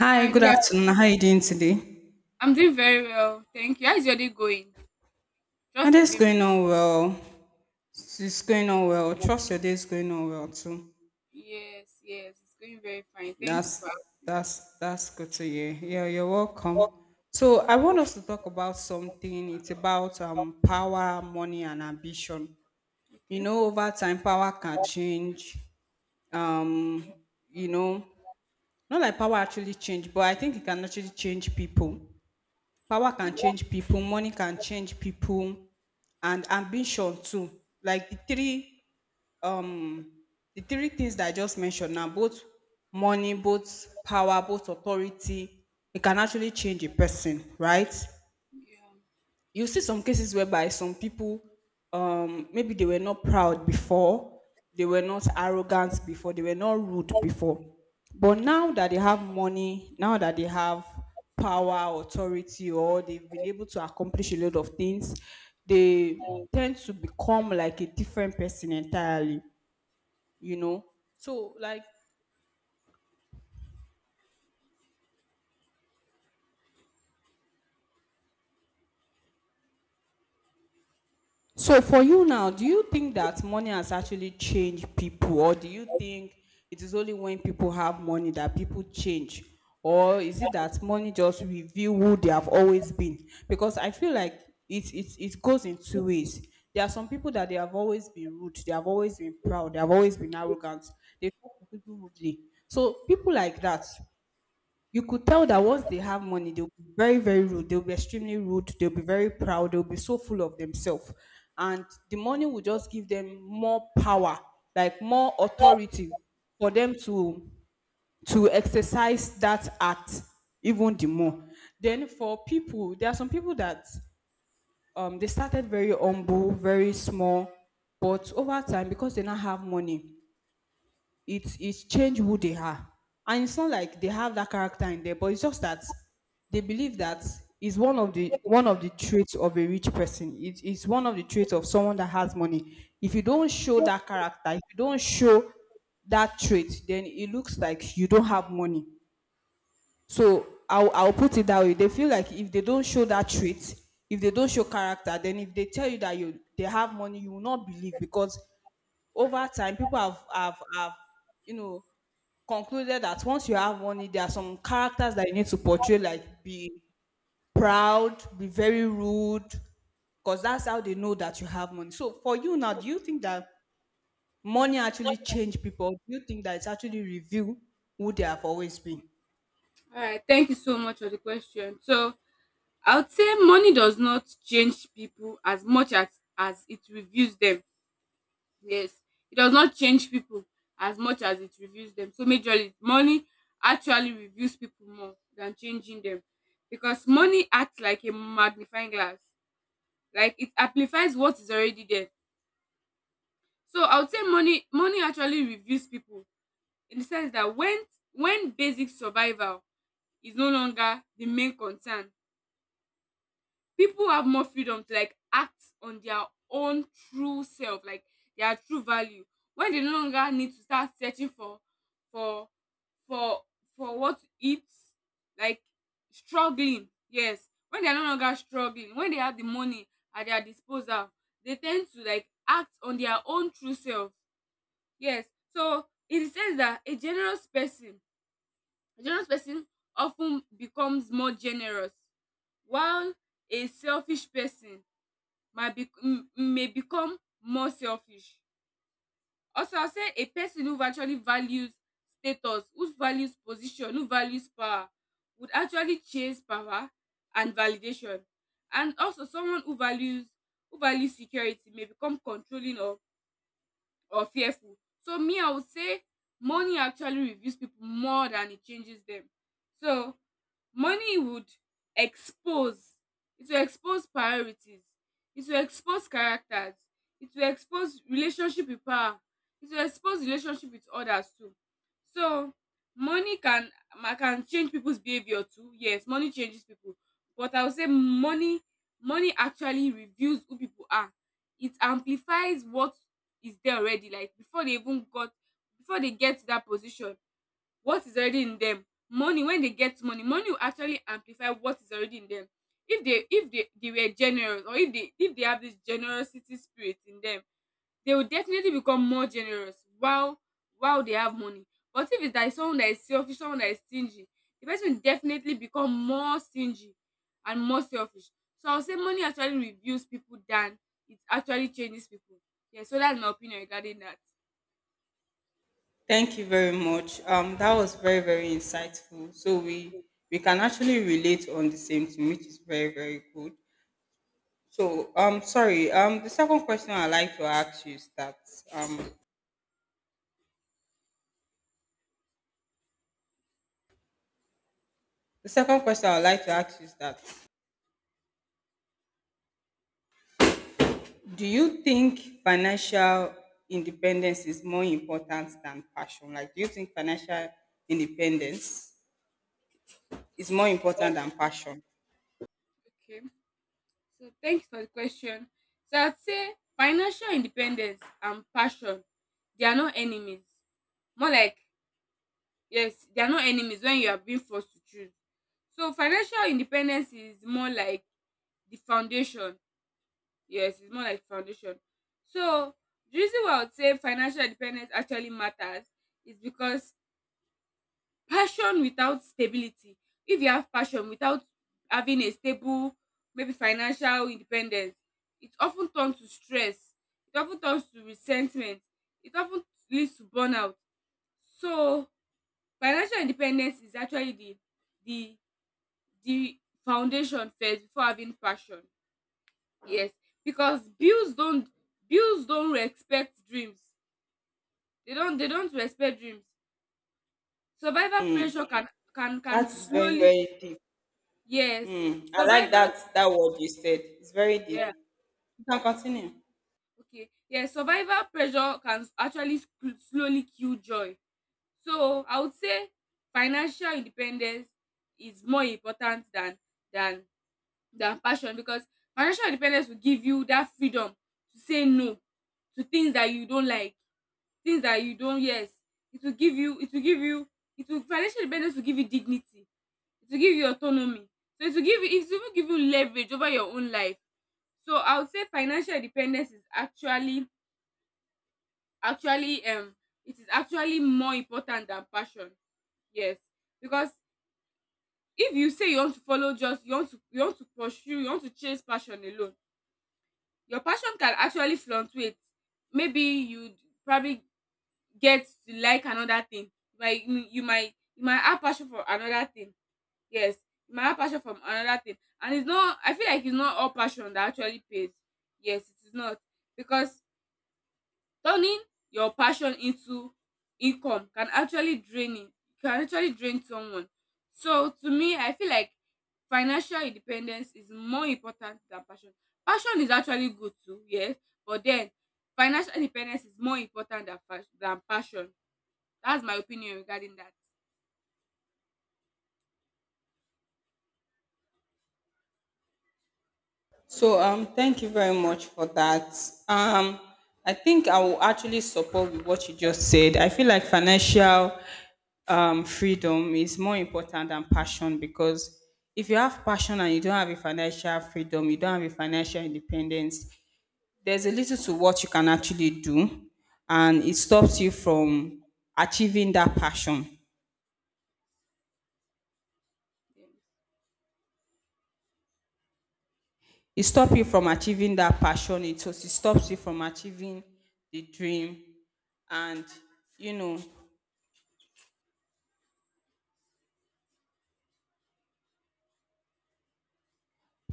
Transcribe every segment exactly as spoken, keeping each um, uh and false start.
Hi, Hi, good good af- afternoon. How are you doing today? I'm doing very well. Thank you. How is your day going? My Trust is day's going going very on well. It's well. it's going on well. Trust your day's going on well too. Yes, yes, it's going very fine. Thank you for That's asking. that's that's good to hear. Yeah, you're welcome. So I want us to talk about something. It's about um power, money, and ambition. You Okay. know, over time power can change. Um, you know, Not like power actually change, but I think it can actually change people. Power can change people, money can change people, and ambition too. Like the three um the three things that I just mentioned now, both money, both power, both authority, it can actually change a person, right? Yeah. You see some cases whereby some people, um maybe they were not proud before, they were not arrogant before, they were not rude before, but now that they have money, now that they have power, authority, or they've been able to accomplish a lot of things, they tend to become like a different person entirely, you know, so like. So for you now, do you think that money has actually changed people, or do you think it is only when people have money that people change? Or is it that money just reveal who they have always been? Because I feel like it it, it goes in two ways. There are some people that they have always been rude, they have always been proud, they have always been arrogant, they talk to people rudely. So people like that, you could tell that once they have money, they'll be very, very rude. They'll be extremely rude. They'll be very proud. They'll be so full of themselves. And the money will just give them more power, like more authority for them to to exercise that act even the more. Then for people, there are some people that, um, they started very humble, very small, but over time, because they now have money, it's it's changed who they are, and it's not like they have that character in there, but it's just that they believe that is one of the one of the traits of a rich person. It is one of the traits of someone that has money. If you don't show that character, if you don't show that trait, then it looks like you don't have money. So I'll I'll put it that way. They feel like if they don't show that trait, if they don't show character, then if they tell you that you they have money, you will not believe because over time people have have have you know concluded that once you have money, there are some characters that you need to portray, like be proud, be very rude, because that's how they know that you have money. So for you now, do you think that money actually change people? Do you think that it's actually reveal who they have always been? All right. Thank you so much for the question. So I would say money does not change people as much as as it reviews them. Yes, it does not change people as much as it reviews them. So majorly, money actually reviews people more than changing them, because money acts like a magnifying glass. Like it amplifies what is already there. So I would say money money actually reveals people in the sense that when when basic survival is no longer the main concern, people have more freedom to like act on their own true self, like their true value, when they no longer need to start searching for for for for what to eat, like struggling. Yes, when they are no longer struggling, when they have the money at their disposal, they tend to like act on their own true self. Yes. So in the sense that a generous person a generous person often becomes more generous, while a selfish person might be m- may become more selfish. Also, I'll say a person who actually values status, who values position, who values power, would actually chase power and validation. And also, someone who values who values security may become controlling or or fearful. So me, I would say money actually reveals people more than it changes them. So money would expose, it will expose priorities, it will expose characters, it will expose relationship with power, it will expose relationship with others too. So money can ma- can change people's behavior too. Yes, money changes people, but I would say money money actually reveals who people are. It amplifies what is there already. Like before they even got before they get to that position, what is already in them, money when they get money money will actually amplify what is already in them. If they if they, they were generous, or if they if they have this generosity spirit in them, they will definitely become more generous while while they have money. But if it's like someone that is selfish, someone that is stingy, the person will definitely become more stingy and more selfish. So I'll say money actually reveals people than it actually changes people. Yeah, so that's my opinion regarding that. Thank you very much. Um, that was very, very insightful. So we we can actually relate on the same thing, which is very, very good. So um, sorry. Um, the second question I'd like to ask you is that, um, the second question I'd like to ask you is that, do you think financial independence is more important than passion? Like, do you think financial independence is more important Wow. than passion? okay So thanks for the question. So I'd say financial independence and passion, they are not enemies. More like, yes, they are not enemies, when you are being forced to choose. So financial independence is more like the foundation. Yes, it's more like foundation. So the reason why I would say financial independence actually matters is because passion without stability. If you have passion without having a stable, maybe financial independence, it often turns to stress. It often turns to resentment. It often leads to burnout. So financial independence is actually the the the foundation first before having passion. Yes, because bills don't bills don't respect dreams. They don't they don't respect dreams. Survivor pressure Mm, can can can that is very, slowly, very deep. yes, Mm, I like survival. that that word you said. It's very deep. Yeah. You can continue. Okay. Yeah, survival pressure can actually s- slowly kill joy. So I would say financial independence is more important than than than passion, because financial independence will give you that freedom to say no to things that you don't like, things that you don't. Yes, it will give you. It will give you. It will Financial independence will give you dignity. It will give you autonomy. So it will give you. It will even give you leverage over your own life. So I would say financial independence is actually actually um it is actually more important than passion. Yes. Because if you say you want to follow, just you want to you want to pursue, you want to chase passion alone, your passion can actually fluctuate. Maybe you probably get to like another thing. Like you you might, you might have passion for another thing. Yes. You might have passion from another thing. And it's not, I feel like it's not all passion that actually pays. Yes, it is not. Because turning your passion into income can actually drain it. Can actually drain someone. So to me, I feel like financial independence is more important than passion. Passion is actually good too, yes, but then financial independence is more important than fas- than passion. That's my opinion regarding that. So um, thank you very much for that. Um, I think I will actually support with what you just said. I feel like financial, um, freedom is more important than passion, because if you have passion and you don't have a financial freedom, you don't have a financial independence, there's a little to what you can actually do, and it stops you from achieving that passion. Yes. It stops you from achieving that passion, it also stops you from achieving the dream, and, you know,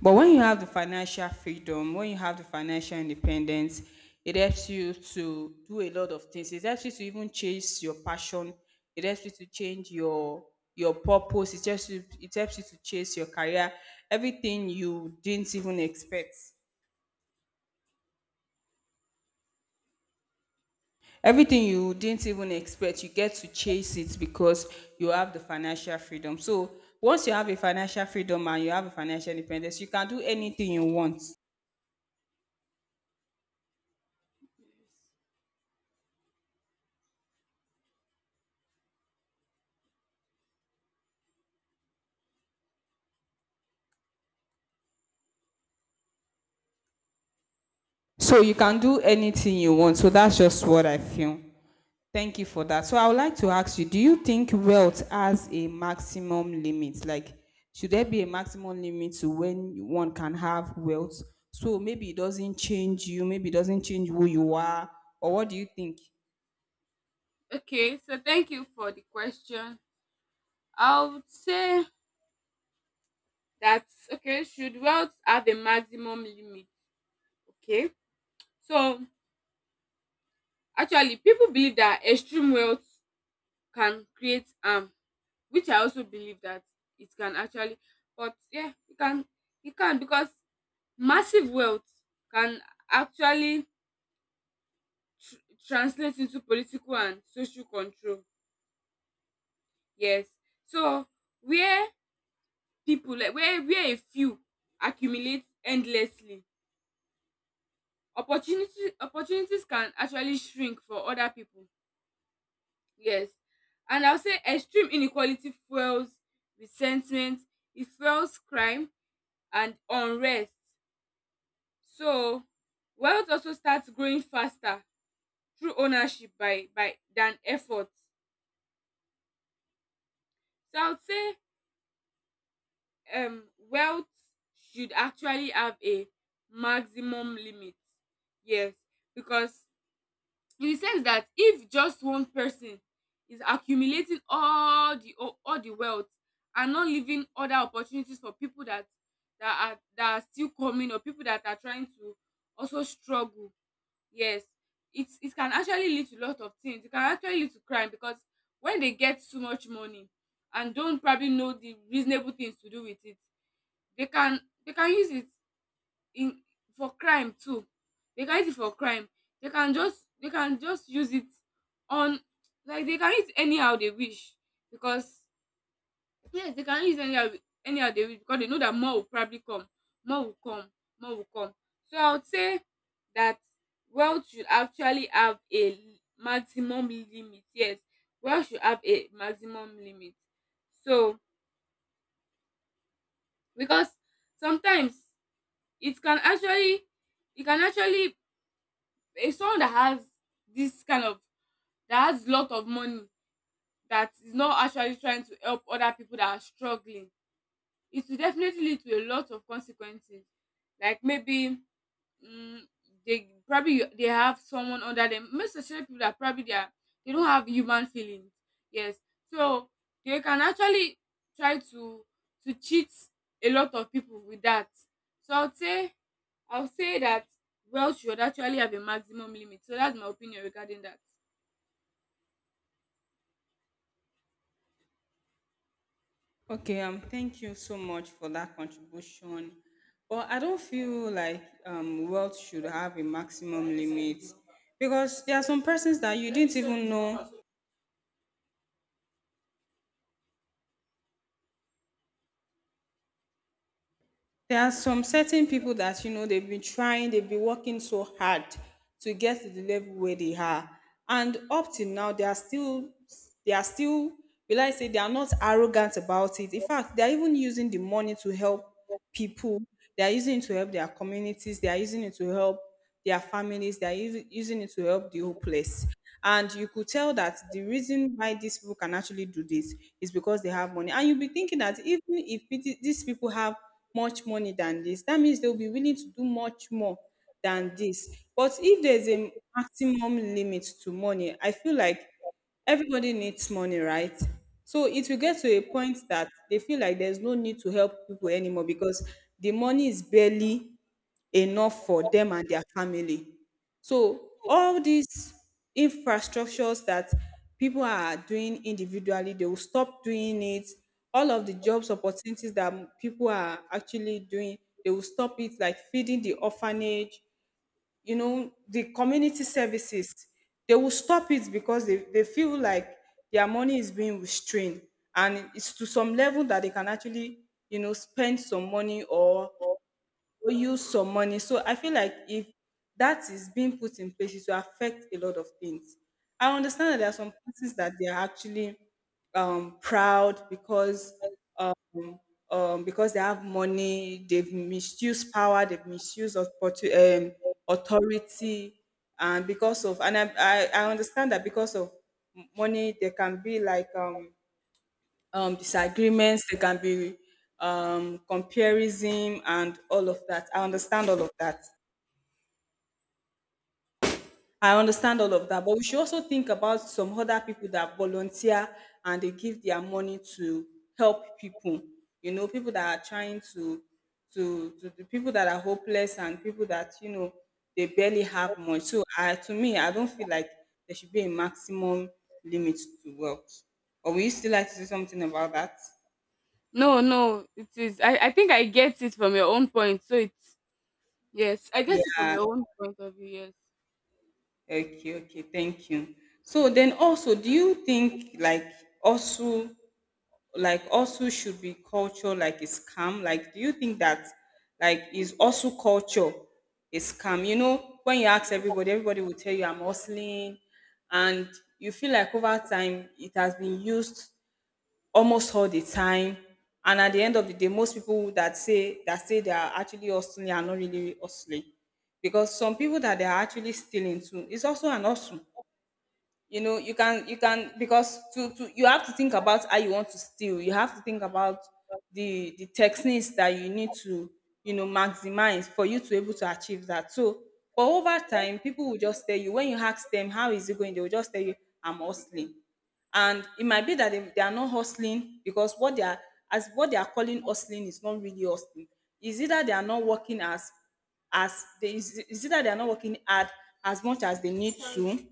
but when you have the financial freedom, when you have the financial independence, it helps you to do a lot of things, it helps you to even chase your passion, it helps you to change your your purpose, it helps you, it helps you to chase your career, everything you didn't even expect, everything you didn't even expect you get to chase it, because you have the financial freedom. So once you have a financial freedom and you have a financial independence, you can do anything you want. Yes. So you can do anything you want. So that's just what I feel. Thank you for that. So I would like to ask you, do you think wealth has a maximum limit? Like, should there be a maximum limit to when one can have wealth, so maybe it doesn't change you, maybe it doesn't change who you are? Or what do you think? Okay, so thank you for the question. I would say that, okay, should wealth have a maximum limit? Okay, so actually, people believe that extreme wealth can create harm, which I also believe that it can actually. But yeah, it can, it can, because massive wealth can actually tr- translate into political and social control. Yes, so where people, like where where a few accumulate endlessly, opportunity opportunities can actually shrink for other people. Yes. And I'll say extreme inequality fuels resentment, it fuels crime and unrest. So wealth also starts growing faster through ownership by, by than effort. So I would say um wealth should actually have a maximum limit. Yes. Because in the sense that if just one person is accumulating all the o- all the wealth and not leaving other opportunities for people that that are that are still coming, or people that are trying to also struggle. Yes, it it can actually lead to a lot of things. It can actually lead to crime, because when they get too much money and don't probably know the reasonable things to do with it, they can they can use it in, for crime too. They can use it for crime. They can just they can just use it on, like they can use anyhow they wish. Because yes, they can use anyhow, anyhow they wish, because they know that more will probably come. more will come More will come. So I would say that wealth should actually have a maximum limit. Yes, wealth should have a maximum limit. So because sometimes it can actually it can actually, if someone that has this kind of, that has lot of money, that is not actually trying to help other people that are struggling, it will definitely lead to a lot of consequences. Like maybe, mm, they probably you- they have someone under them. Most especially people that probably they are, they don't have human feelings. Yes, so they can actually try to to cheat a lot of people with that. So I would say, I'll say that wealth should actually have a maximum limit. So that's my opinion regarding that. Okay, um, thank you so much for that contribution. But I don't feel like, um, wealth should have a maximum limit, because there are some persons that you didn't even know. There are some certain people that, you know, they've been trying, they've been working so hard to get to the level where they are, and up till now they are still, they are still, will I say they are not arrogant about it. In fact, they are even using the money to help people. They are using it to help their communities. They are using it to help their families. They're us- using it to help the hopeless. And you could tell that the reason why these people can actually do this is because they have money. And you'll be thinking that even if it- these people have much money than this, that means they'll be willing to do much more than this. But if there's a maximum limit to money, I feel like everybody needs money, right? So it will get to a point that they feel like there's no need to help people anymore because the money is barely enough for them and their family. So all these infrastructures that people are doing individually, they will stop doing it. All of the jobs opportunities that m- people are actually doing, they will stop it, like feeding the orphanage, you know, the community services. They will stop it because they, they feel like their money is being restrained. And it's to some level that they can actually, you know, spend some money or owe you some money. So I feel like if that is being put in place, it will affect a lot of things. I understand that there are some places that they are actually, um, proud because, um, um, because they have money, they've misused power, they've misused authority, um, authority, and because of, and I, I, I understand that because of m- money, there can be like, um, um, disagreements, there can be, um, comparison and all of that. I understand all of that. I understand all of that. But we should also think about some other people that volunteer and they give their money to help people. You know, people that are trying to to to the people that are hopeless and people that, you know, they barely have much. So I, to me, I don't feel like there should be a maximum limit to wealth. Or will you still like to say something about that? No, no, it is. I, I think I get it from your own point. So it's, yes, I get it from Yeah. your own point of view. Yes. Okay, okay, thank you. So then also, do you think like, also, like, also should be culture like a scam? Like, do you think that like is also culture a scam? You know, when you ask everybody, everybody will tell you I'm hustling, and you feel like over time it has been used almost all the time. And at the end of the day, most people that say that say they are actually hustling are not really hustling. Because some people that they are actually stealing too is also an hustle, you know, you can, you can, because to, to you have to think about how you want to steal, you have to think about the the techniques that you need to, you know, maximize for you to be able to achieve that. So but over time people will just tell you, when you ask them how is it going, they will just tell you I'm hustling, and it might be that they, they are not hustling because what they are, as what they are calling hustling is not really hustling, is either they are not working as as they is, is either they are not working hard as much as they need to,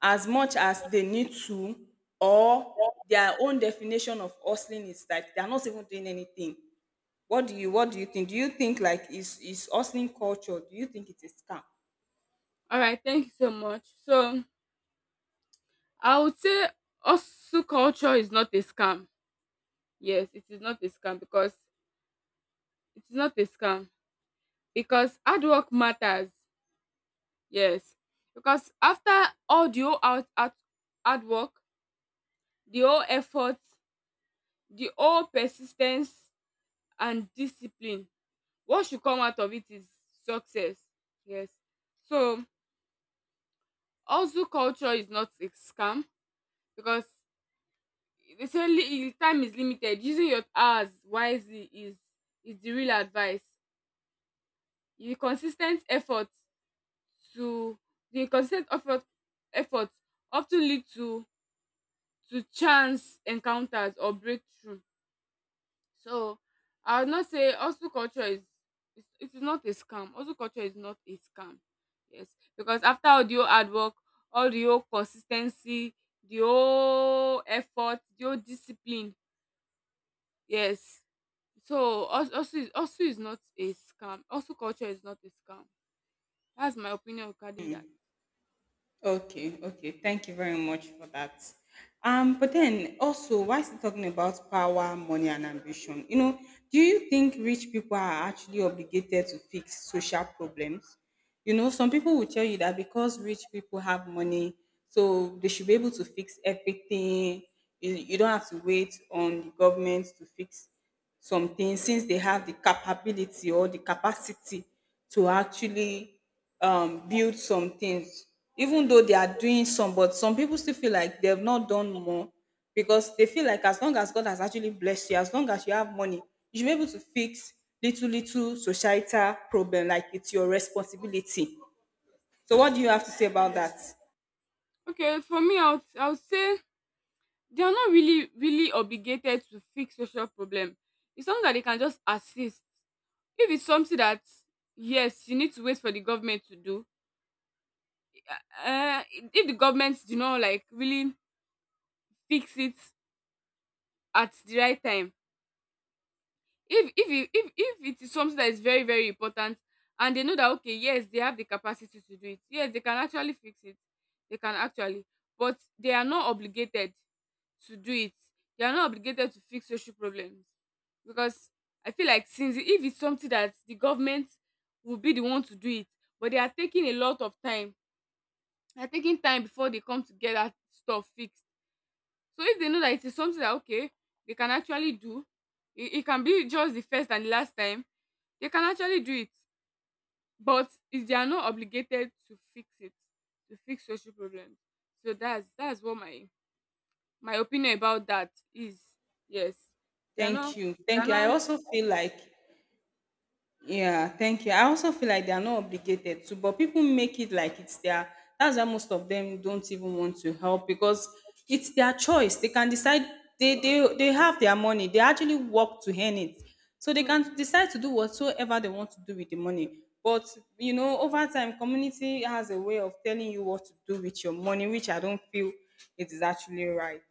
as much as they need to or their own definition of hustling is like they're not even doing anything. What do you what do you think? Do you think like is is hustling culture, do you think it is scam? All right. Thank you so much. So I would say also culture is not a scam. Yes, it is not a scam because it is not a scam because hard work matters. Yes, because after all the whole out, out hard work, the whole effort, the whole persistence and discipline. What should come out of it is success. Yes. So also culture is not a scam, because they say, li- time is limited. Using your hours wisely is is the real advice. The consistent effort to the consistent effort effort often lead to to chance encounters or breakthrough. So I would not say hustle culture is is- it is not a scam. Hustle culture is not a scam. Yes. Because after all the whole hard work, all the whole consistency, the whole effort, the whole discipline. Yes. So hus- hustle is, hustle is not a scam. Hustle culture is not a scam. That's my opinion regarding that. Okay, okay. Thank you very much for that. Um, but then also, why is he talking about power, money, and ambition? You know, do you think rich people are actually obligated to fix social problems? You know, some people will tell you that because rich people have money, so they should be able to fix everything. You, you don't have to wait on the government to fix something, since they have the capability or the capacity to actually um, build some things. Even though they are doing some, but some people still feel like they have not done more, because they feel like as long as God has actually blessed you, as long as you have money, you should be able to fix little, little societal problem. Like it's your responsibility. So, what do you have to say about that? Okay, for me, I would, I would say they are not really really obligated to fix social problem. It's something that they can just assist. If it's something that, yes, you need to wait for the government to do. Uh, if the government do not like really fix it at the right time, if if it, if if it is something that is very very important, and they know that okay, yes, they have the capacity to do it, yes they can actually fix it, they can actually, but they are not obligated to do it. They are not obligated to fix social problems, because I feel like since if it's something that the government will be the one to do it, but they are taking a lot of time, they are taking time before they come to get that stuff fixed. So if they know that it is something that okay they can actually do, it, it can be just the first and the last time they can actually do it, but if they are not obligated to fix it, to fix social problems. So that's that's what my my opinion about that is. Yes, they are not Thank you. they are Thank you. I not also feel like yeah, thank you. I also feel like they are not obligated to, but people make it like it's their. That's why most of them don't even want to help, because it's their choice. They can decide. They they they have their money. They actually work to earn it, so they true. can decide to do whatsoever they want to do with the money. But you know, over time, community has a way of telling you what to do with your money, which I don't feel it is actually right.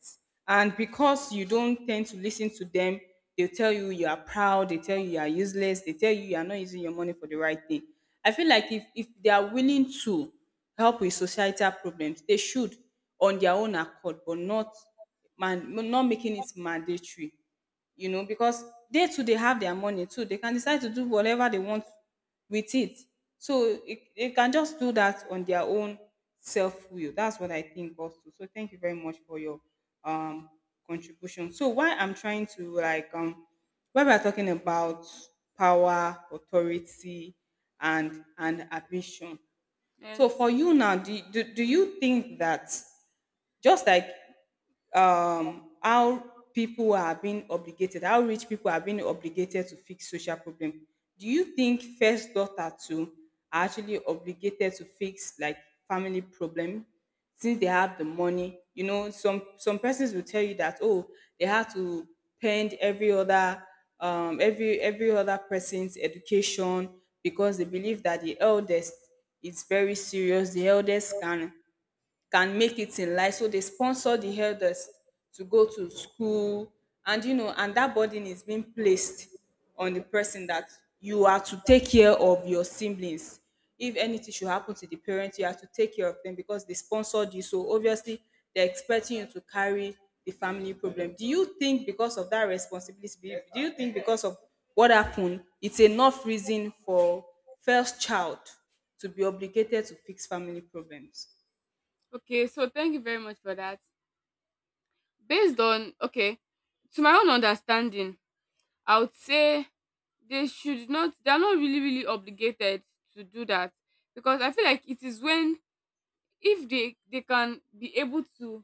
And because you don't tend to listen to them, they'll tell you you are proud, they tell you you are useless, they tell you you are not using your money for the right thing. I feel like if, if they are willing to help with societal problems, they should on their own accord, but not man, not making it mandatory, you know, because they too they have their money too. They can decide to do whatever they want with it. So it, they can just do that on their own self will. That's what I think also. So thank you very much for your um contribution. So why I'm trying to like um when we're talking about power, authority, and and ambition. So Yes. for you now, do, do, do you think that just like um, how people are being obligated, how rich people are being obligated to fix social problem. Do you think first daughter too are actually obligated to fix like family problem, since they have the money? You know, some some persons will tell you that, oh, they have to pend every other um, every every other person's education, because they believe that the eldest is very serious. The eldest can can make it in life. So they sponsor the elders to go to school, and you know, and that burden is being placed on the person that you are to take care of your siblings. If anything should happen to the parents, you have to take care of them because they sponsored you. So obviously, they're expecting you to carry the family problem. Do you think because of that responsibility, do you think because of what happened, it's enough reason for first child to be obligated to fix family problems? Okay. So thank you very much for that. Based on okay, to my own understanding, I would say they should not they are not really really obligated to do that, because I feel like it is when if they they can be able to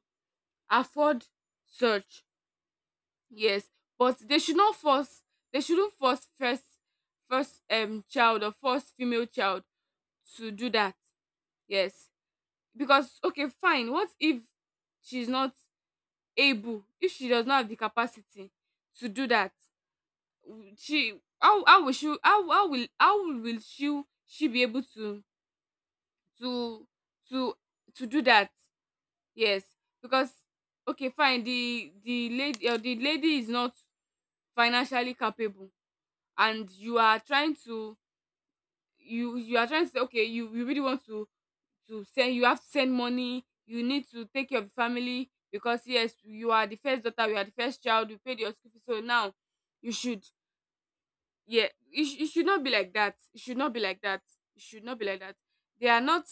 afford, search, yes, but they should not force, they shouldn't force first first um child or first female child to do that. Yes, because okay, fine, what if she's not able, if she does not have the capacity to do that? W- she how how will she how how will how will she she be able to to to to do that? Yes, because okay, fine, the the lady, or the lady is not financially capable, and you are trying to, you you are trying to say, okay, you you really want to to send, you have to send money, you need to take care of the family, because yes, you are the first daughter, you are the first child, you paid your school fees, so now you should. Yeah, it, sh- it should not be like that. It should not be like that. It should not be like that. They are not.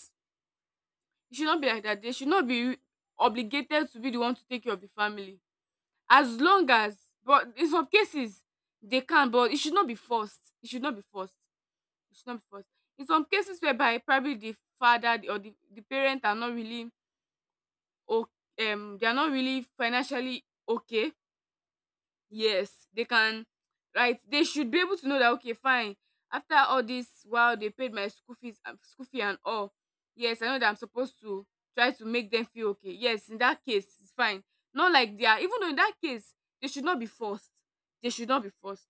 It should not be like that. They should not be obligated to be the one to take care of the family. As long as, but in some cases they can, but it should not be forced. It should not be forced. It should not be forced. In some cases, whereby probably the father or the, the parent are not really, o- um, they are not really financially okay. Yes, they can, right, they should be able to know that, okay, fine, after all this while, they paid my school fees and school fee and all, yes, I know that I'm supposed to try to make them feel okay. Yes, in that case, it's fine. Not like they are, even though in that case, they should not be forced. They should not be forced.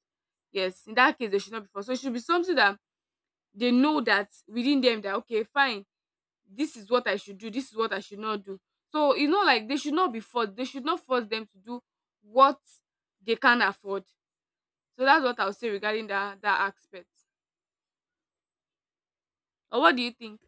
Yes, in that case, they should not be forced. So it should be something that they know, that within them, that okay, fine, this is what I should do, this is what I should not do. So you know, like they should not be forced, they should not force them to do what they can afford. So that's what I'll say regarding that that aspect. Or what do you think?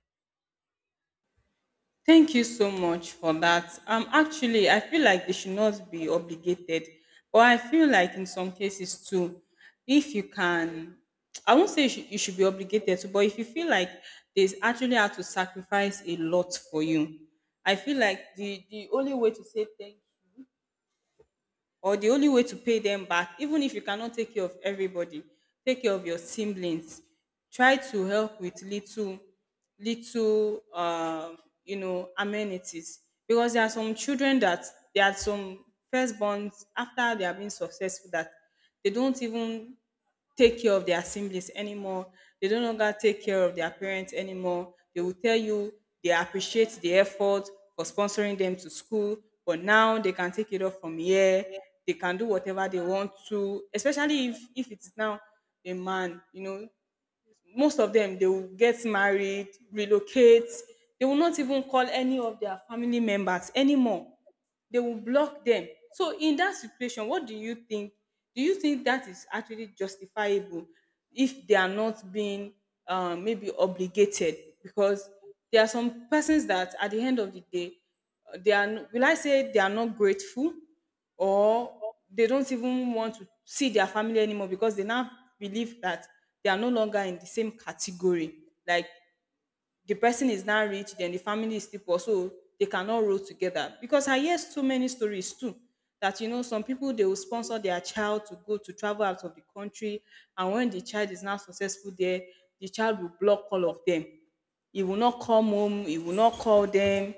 Thank you so much for that. Um, actually, I feel like they should not be obligated, but I feel like in some cases too, if you can, I won't say you should, you should be obligated to, but if you feel like there's actually how to sacrifice a lot for you, I feel like the the only way to say thank or the only way to pay them back, even if you cannot take care of everybody, take care of your siblings, try to help with little little um you know amenities, because there are some children that there are some firstborns after they have been successful that they don't even take care of their siblings anymore. They no longer take care of their parents anymore. They will tell you they appreciate the effort for sponsoring them to school, but now they can take it off from here. They can do whatever they want to, especially if, if it's now a man. You know, most of them, they will get married, relocate. They will not even call any of their family members anymore, they will block them. So in that situation, what do you think, do you think that is actually justifiable if they are not being um, maybe obligated, because there are some persons that at the end of the day, uh, they are n- will I say they are not grateful, or they don't even want to see their family anymore, because they now believe that they are no longer in the same category, like the person is now rich, then the family is still poor, so they cannot roll together. Because I hear so many stories too, that you know some people they will sponsor their child to go to travel out of the country, and when the child is not successful there, the child will block all of them. He will not come home. He will not call them.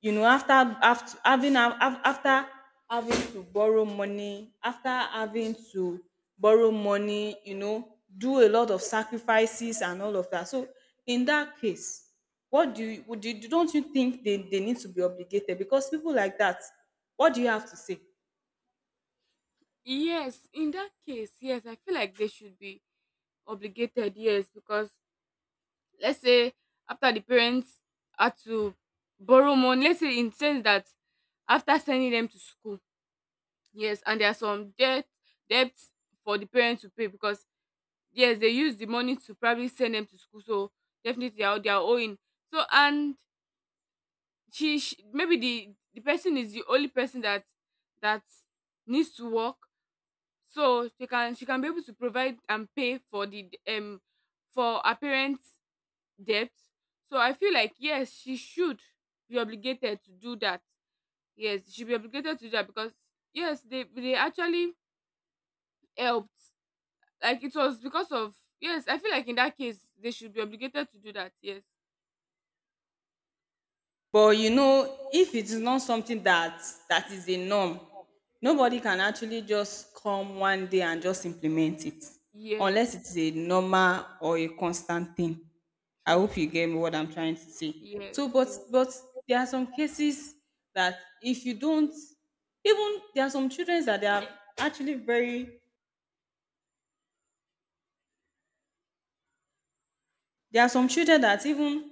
You know, after after having after having to borrow money, after having to borrow money, you know, do a lot of sacrifices and all of that. So in that case, what do you, would you, don't you think they, they need to be obligated, because people like that, what do you have to say? Yes, in that case, yes, I feel like they should be obligated, yes, because let's say after the parents had to borrow money, let's say in sense that after sending them to school, yes, and there are some debt debts for the parents to pay, because yes, they use the money to probably send them to school, so definitely they are they are owing. So, and she, she maybe, the the person is the only person that that needs to work, so she can, she can be able to provide and pay for the um for her parents' debt. So I feel like yes, she should be obligated to do that. Yes, she should be obligated to do that, because yes, they they actually helped, like it was because of, yes, I feel like in that case they should be obligated to do that. Yes. But you know, if it is not something that that is a norm, nobody can actually just come one day and just implement it, Yes, unless it's a normal or a constant thing. I true. hope you get what I'm trying to say. Yes. So, but Yes. but there are some cases that if you don't, even there are some children that they are actually very, there are some children that even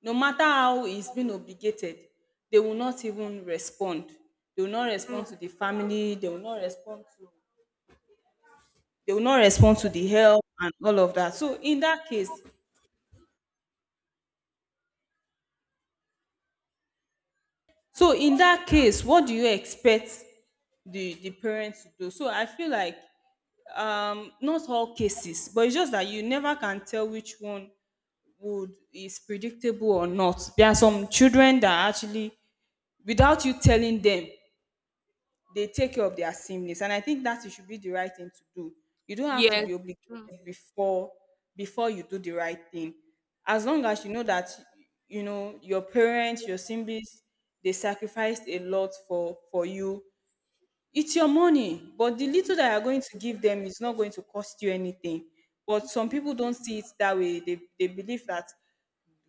no matter how it's been obligated, they will Yeah. not even respond. They will not respond True. to the family, they will not respond to, they will not respond to the help and all of that. So in that case, so in that case, what do you expect the the parents to do? So I feel like um not all cases, but it's just that you never can tell which one would is predictable or not. There are some children that actually without you telling them, they take care of their sameness, and I think that it should be the right thing to do. You don't have to Yes. be obligated True. before before you do the right thing, as Yes, long as you know that you know your parents your siblings, they sacrificed a lot for for you. It's your money, but the little that you're going to give them is not going to cost you anything. But some people don't see it that way. They, they believe that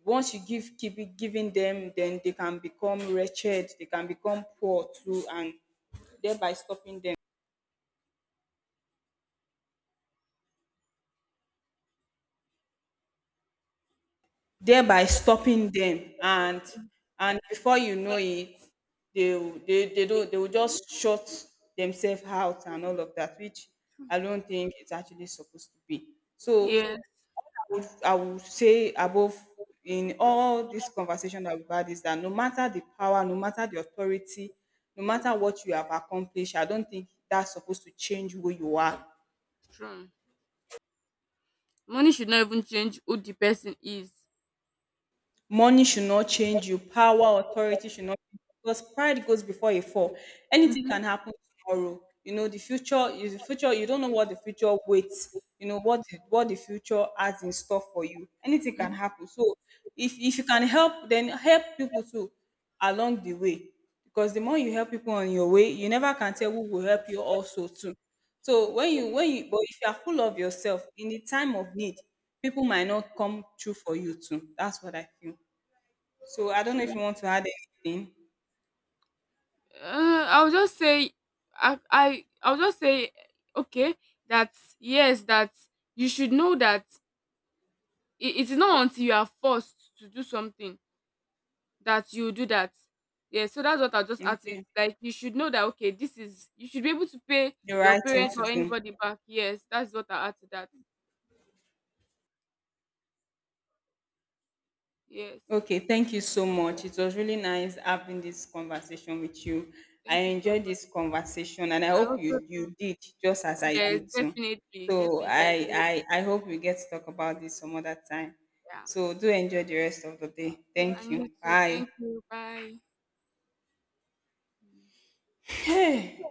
once you give keep it giving them then they can become wretched, they can become poor too, and thereby stopping them, thereby stopping them, and and before you know it, they will- they they do they will just shut themselves out and all of that, which I don't think it's actually supposed to be. So yes, I would i would say above, in all this conversation that we've had is that no matter the power, no matter the authority, no matter what you have accomplished, I don't think that's supposed to change who you are. true. Money should not even change who the person is. Money should not change you. Power, authority should not change you, because pride goes before a fall. Anything Mhm, can happen tomorrow. You know, the future is the future. You don't know what the future waits. You know what the, what the future has in store for you. Anything can mhm. happen. So if if you can help, then help people too along the way. Because the more you help people on your way, you never can tell who will help you also too. So when you when you but if you are full of yourself in the time of need, people might not come true for you too. That's what I feel. So I don't know if you want to add anything. Uh, I'll just say, I, I, I'll just say, okay, that yes, that you should know that it, it is not until you are forced to do something that you do that. Yeah, so that's what I'll just add to it. Okay. Like you should know that okay, this is, you should be able to pay The your right thing parents or to do. anybody back. Yes, that's what I add to that. Yes. Okay, thank you so much. It was really nice having this conversation with you. I Thank you so enjoyed much. this conversation, and I I hope also. you you did just as I Yes, did too. definitely, So definitely. I do. I I, I hope we get to talk about this some other time. Yeah. So do enjoy the rest of the day. Thank And you. you too. Bye. Thank you. Bye. Hey.